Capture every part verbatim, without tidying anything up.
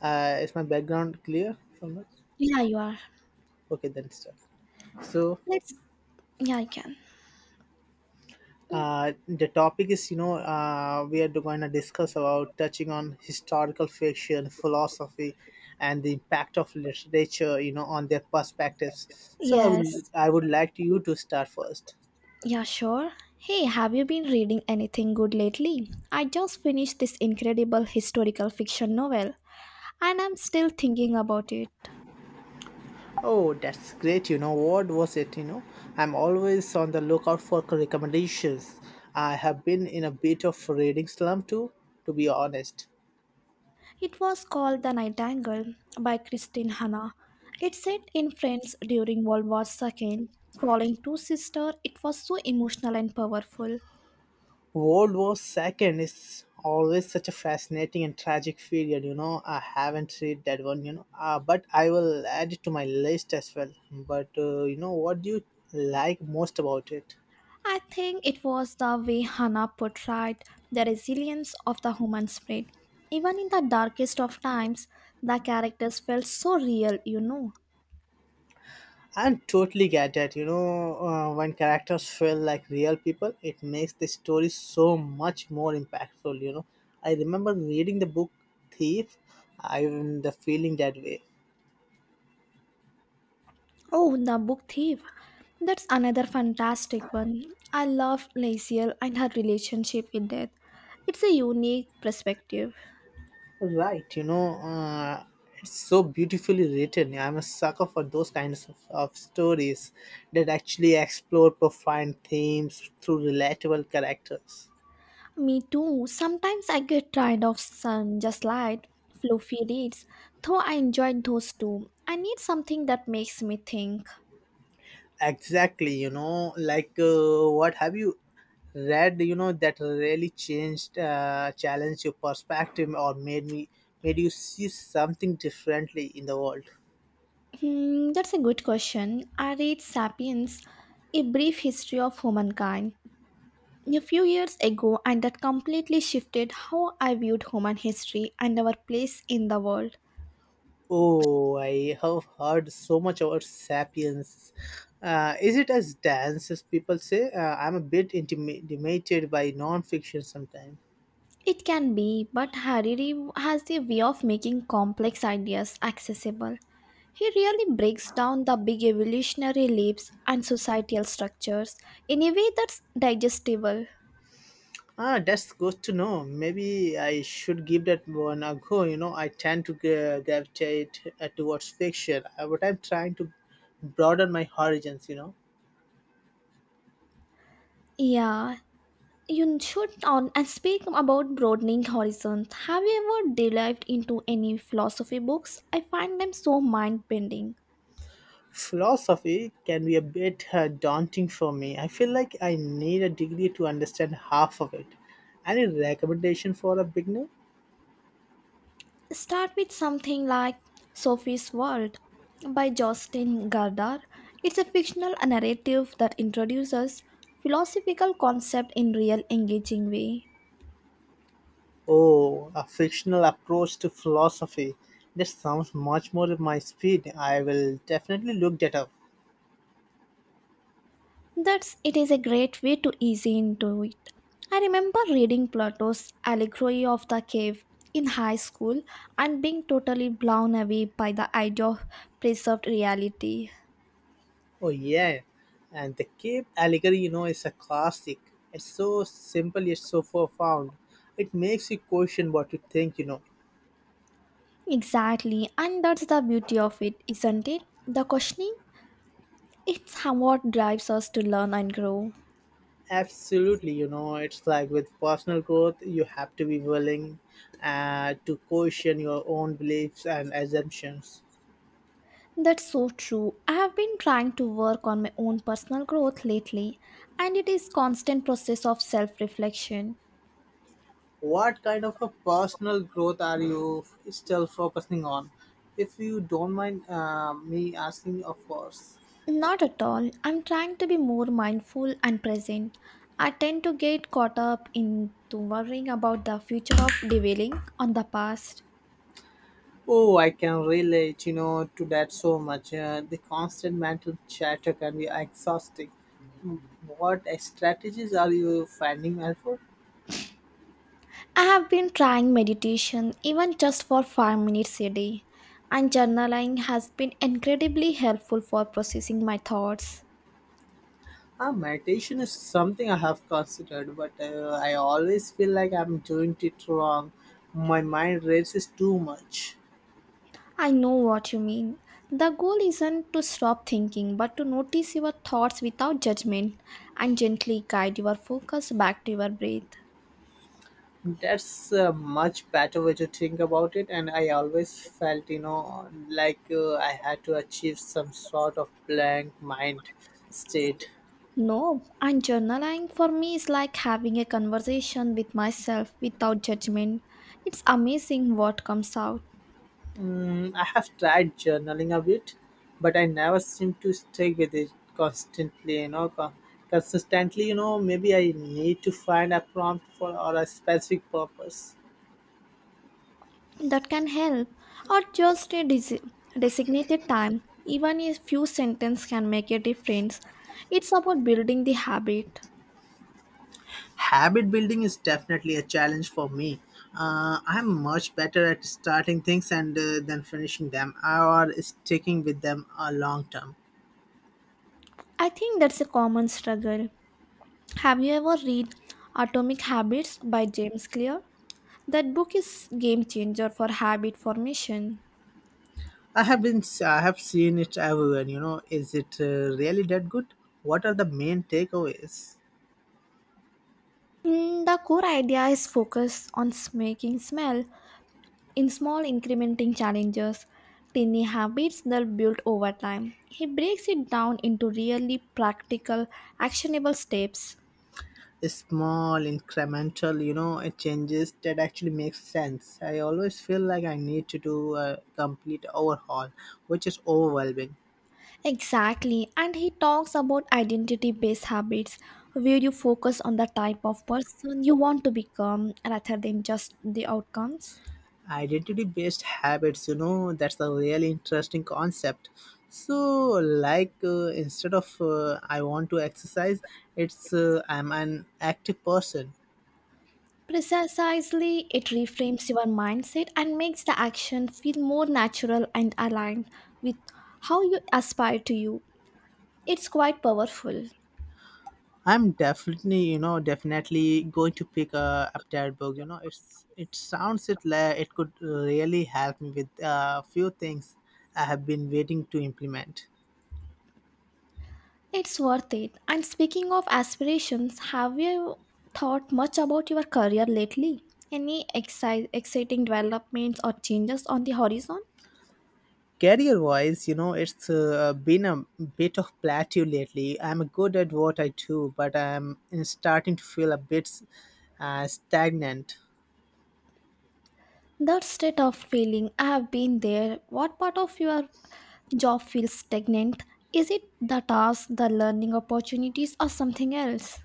Uh, is my background clear from this? Yeah, you are. Okay, then start. So Let's. Yeah, I can. Mm. uh, the topic is, you know, uh, we are going to discuss about touching on historical fiction, philosophy, and the impact of literature, you know, on their perspectives. So I would, Yes. I would like you to start first. Yeah, sure. Hey, have you been reading anything good lately? I just finished this incredible historical fiction novel, and I'm still thinking about it. Oh, that's great. You know, what was it? You know, I'm always on the lookout for recommendations. I have been in a bit of reading slump too, to be honest. It was called The Nightingale by Christine Hanna. It's set in France during World War two. Following two sisters, it was so emotional and powerful. World War Second is always such a fascinating and tragic period. You know, I haven't read that one. You know, uh, but I will add it to my list as well. But uh, you know, what do you like most about it? I think it was the way Hannah portrayed the resilience of the human spirit. Even in the darkest of times, the characters felt so real, you know. I totally get that. You know, uh, when characters feel like real people, it makes the story so much more impactful. You know, I remember reading the book Thief. I the feeling that way. Oh, the book thief. That's another fantastic one. I love Laziel and her relationship with death. It's a unique perspective. Right, you know, uh, it's so beautifully written. I'm a sucker for those kinds of, of stories that actually explore profound themes through relatable characters. Me too. Sometimes I get tired of sun just light, fluffy reads, though I enjoyed those too. I need something that makes me think. Exactly, you know, like uh, what have you read? You know that really changed, uh, challenged your perspective, or made me made you see something differently in the world. Hmm, that's a good question. I read Sapiens, A Brief History of Humankind, a few years ago, and that completely shifted how I viewed human history and our place in the world. Oh, I have heard so much about Sapiens. Uh, is it as dense as people say? Uh, I'm a bit intimidated by non-fiction sometimes. It can be, but Hariri has a way of making complex ideas accessible. He really breaks down the big evolutionary leaps and societal structures in a way that's digestible. Ah, that's good to know. Maybe I should give that one a go. You know, I tend to gra- gravitate uh, towards fiction, uh, but I'm trying to broaden my horizons. You know, Yeah, you should on and speak about broadening horizons. Have you ever delved into any philosophy books? I find them so mind bending. philosophy can be a bit uh, daunting for me. I feel like I need a degree to understand half of it. Any recommendation for a beginner? Start with something like Sophie's World by Justin Gardar. It's a fictional narrative that introduces philosophical concept in real engaging way. Oh, a fictional approach to philosophy. That sounds much more at my speed. I will definitely look that up. That's it is a great way to ease into it. I remember reading Plato's Allegory of the Cave in high school and being totally blown away by the idea of preserved reality. Oh, yeah, and the cave allegory, you know, is a classic. It's so simple yet so profound. It makes you question what you think, you know. Exactly, and that's the beauty of it, isn't it? The questioning, it's how what drives us to learn and grow. Absolutely, you know, it's like with personal growth, you have to be willing uh, to question your own beliefs and assumptions. That's so true. I have been trying to work on my own personal growth lately, and it is constant process of self-reflection. What kind of a personal growth are you f- still focusing on? If you don't mind uh, me asking, of course. Not at all. I'm trying to be more mindful and present. I tend to get caught up into worrying about the future of dwelling on the past. Oh, I can relate, you know, to that so much. Uh, the constant mental chatter can be exhausting. Mm, what strategies are you finding helpful? I have been trying meditation even just for five minutes a day, and journaling has been incredibly helpful for processing my thoughts. Uh, meditation is something I have considered, but uh, I always feel like I'm doing it wrong. My mind races too much. I know what you mean. The goal isn't to stop thinking but to notice your thoughts without judgment and gently guide your focus back to your breath. That's a much better way to think about it, and I always felt, you know, like uh, I had to achieve some sort of blank mind state. No, and journaling for me is like having a conversation with myself without judgment. It's amazing what comes out. Mm, I have tried journaling a bit, but I never seem to stick with it constantly, you know, co- consistently. You know, maybe I need to find a prompt for or a specific purpose. That can help, or just a desi- designated time. Even a few sentences can make a difference. It's about building the habit. Habit building is definitely a challenge for me. Uh, I'm much better at starting things and uh, then finishing them or sticking with them a long term. I think that's a common struggle. Have you ever read Atomic Habits by James Clear? That book is game changer for habit formation. I have been I have seen it everywhere. You know, is it uh, really that good? What are the main takeaways? Mm, The core idea is focused on s- making smell in small incrementing challenges, tiny habits that build over time. He breaks it down into really practical, actionable steps. Small incremental, you know, changes that actually make sense. I always feel like I need to do a complete overhaul, which is overwhelming. Exactly, and he talks about identity based habits where you focus on the type of person you want to become rather than just the outcomes. Identity based habits, you know, that's a really interesting concept. So like uh, instead of uh, I want to exercise, it's uh, I'm an active person. Precisely, it reframes your mindset and makes the action feel more natural and aligned with how you aspire to you. It's quite powerful. I'm definitely, you know, definitely going to pick uh, up that book. You know, it's it sounds it like it could really help me with a few things I have been waiting to implement. It's worth it. And speaking of aspirations, have you thought much about your career lately? Any exci- exciting developments or changes on the horizon? Career wise, you know, it's uh, been a bit of plateau lately. I'm good at what I do, but I'm starting to feel a bit uh, stagnant. That state of feeling, I have been there. What part of your job feels stagnant? Is it the task, the learning opportunities, or something else?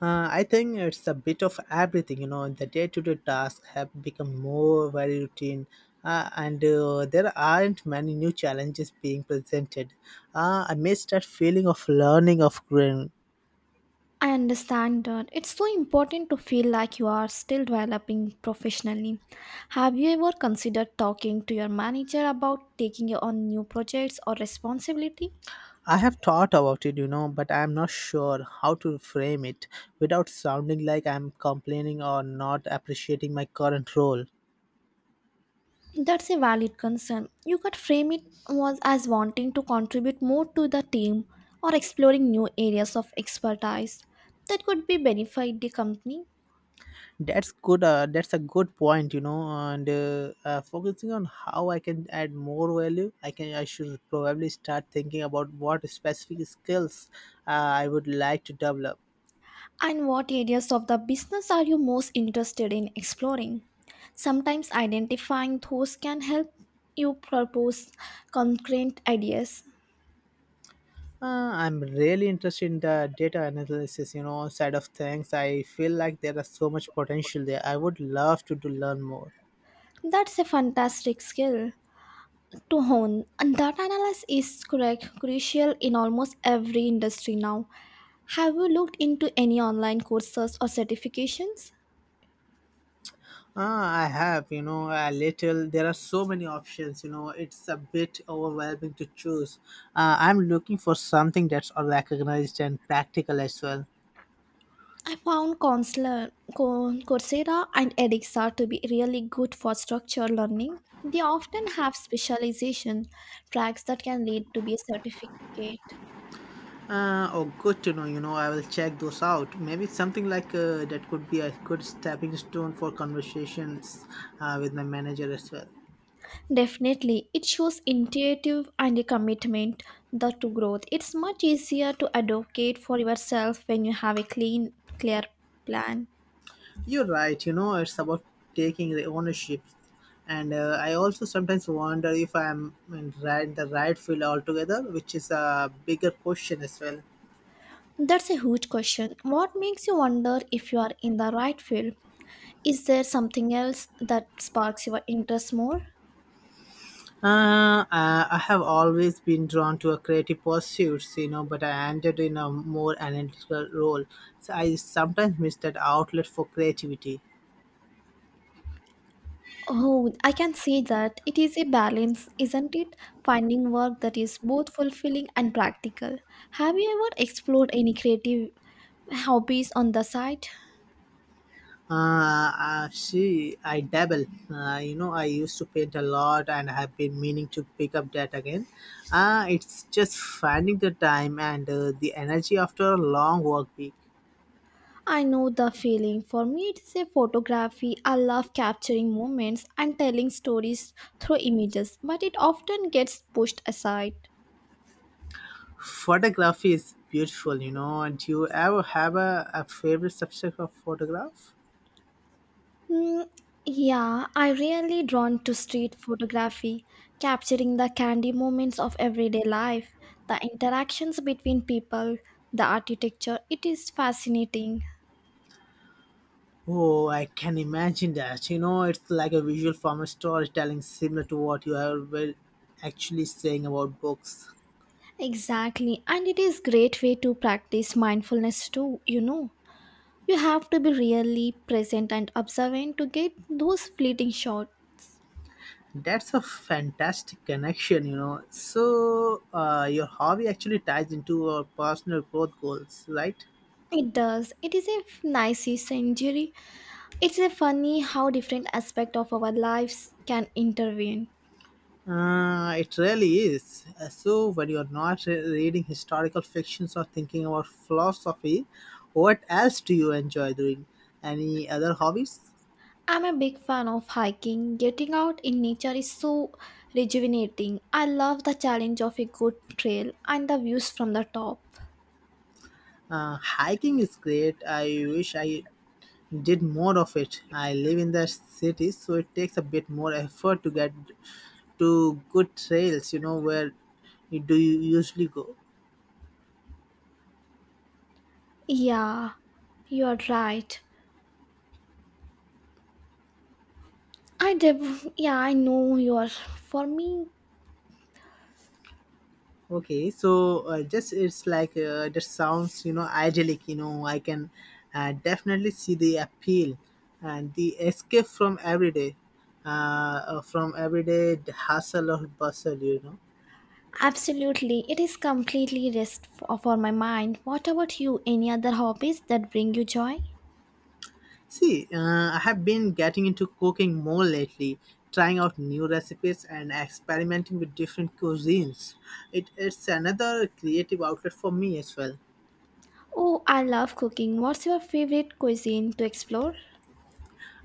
uh, I think it's a bit of everything. You know, the day-to-day tasks have become more very routine, uh, and uh, there aren't many new challenges being presented. uh, I miss that feeling of learning, of growing. I understand that it's so important to feel like you are still developing professionally. Have you ever considered talking to your manager about taking on new projects or responsibility? I have thought about it, you know, but I'm not sure how to frame it without sounding like I'm complaining or not appreciating my current role. That's a valid concern. You could frame it was as wanting to contribute more to the team or exploring new areas of expertise that could be benefit the company. That's good. Uh, that's a good point, you know. And uh, uh, focusing on how I can add more value, I can. I should probably start thinking about what specific skills uh, I would like to develop. And what areas of the business are you most interested in exploring? Sometimes identifying those can help you propose concrete ideas. Uh, I'm really interested in the data analysis, you know, side of things. I feel like there is so much potential there. I would love to, to learn more. That's a fantastic skill to hone. And data analysis is correct, crucial in almost every industry now. Have you looked into any online courses or certifications? Ah, I have, you know, a little. There are so many options, you know. It's a bit overwhelming to choose. Uh, I'm looking for something that's recognized and practical as well. I found Counselor, Co- Coursera and Edixa to be really good for structured learning. They often have specialization tracks that can lead to be a certificate. Uh, oh, good to know, you know, I will check those out. Maybe something like uh, that could be a good stepping stone for conversations uh, with my manager as well. Definitely, it shows initiative and a commitment the to growth. It's much easier to advocate for yourself when you have a clean, clear plan. You're right. You know, it's about taking the ownership. And uh, I also sometimes wonder if I'm in right, the right field altogether, which is a bigger question as well. That's a huge question. What makes you wonder if you are in the right field? Is there something else that sparks your interest more? Uh, I I have always been drawn to a creative pursuits, you know, but I ended in a more analytical role. So I sometimes miss that outlet for creativity. Oh, I can see that. It is a balance, isn't it? Finding work that is both fulfilling and practical. Have you ever explored any creative hobbies on the side? Uh, uh, she, I dabble. Uh, you know, I used to paint a lot, and I have been meaning to pick up that again. Uh, it's just finding the time and uh, the energy after a long work week. I know the feeling. For me, it is a photography. I love capturing moments and telling stories through images, but it often gets pushed aside. Photography is beautiful, you know. And do you ever have a, a favorite subject of photograph? Mm, yeah, I really drawn to street photography, capturing the candy moments of everyday life, the interactions between people, the architecture. It is fascinating. Oh, I can imagine that. You know, it's like a visual form of storytelling, similar to what you are well, actually saying about books. Exactly, and it is great way to practice mindfulness too, you know. You have to be really present and observant to get those fleeting shots. That's a fantastic connection, you know. So, uh, your hobby actually ties into our personal growth goals, right? It does. It is a f- nice century. It's a funny how different aspect of our lives can intervene. Uh, it really is. Uh, So, when you're not re- reading historical fictions or thinking about philosophy, what else do you enjoy doing? Any other hobbies? I'm a big fan of hiking. Getting out in nature is so rejuvenating. I love the challenge of a good trail and the views from the top. Uh, hiking is great. I wish I did more of it. I live in the city, so it takes a bit more effort to get to good trails. You know, where you do you usually go. Yeah, you are right. I def- yeah, I know you are. For me, Okay, so uh, just it's like uh, that sounds, you know, idyllic. You know, I can uh, definitely see the appeal and the escape from everyday, uh, uh, from everyday hustle or bustle, you know. absolutely. It is completely rest f- for my mind. What about you? Any other hobbies that bring you joy? See, uh, I have been getting into cooking more lately, trying out new recipes and experimenting with different cuisines. It, it's another creative outlet for me as well. Oh, I love cooking. What's your favorite cuisine to explore?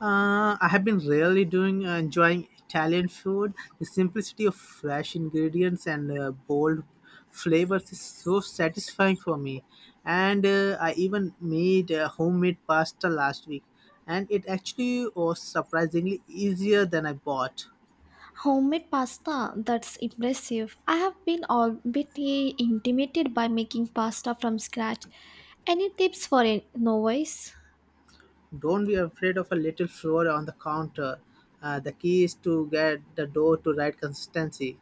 Uh, I have been really doing uh, enjoying Italian food. The simplicity of fresh ingredients and uh, bold flavors is so satisfying for me. And uh, I even made uh, homemade pasta last week, and it actually was surprisingly easier than I bought. Homemade pasta, that's impressive. I have been all bit eh, intimidated by making pasta from scratch. Any tips for a novice? Don't be afraid of a little flour on the counter. Uh, the key is to get the dough to right consistency.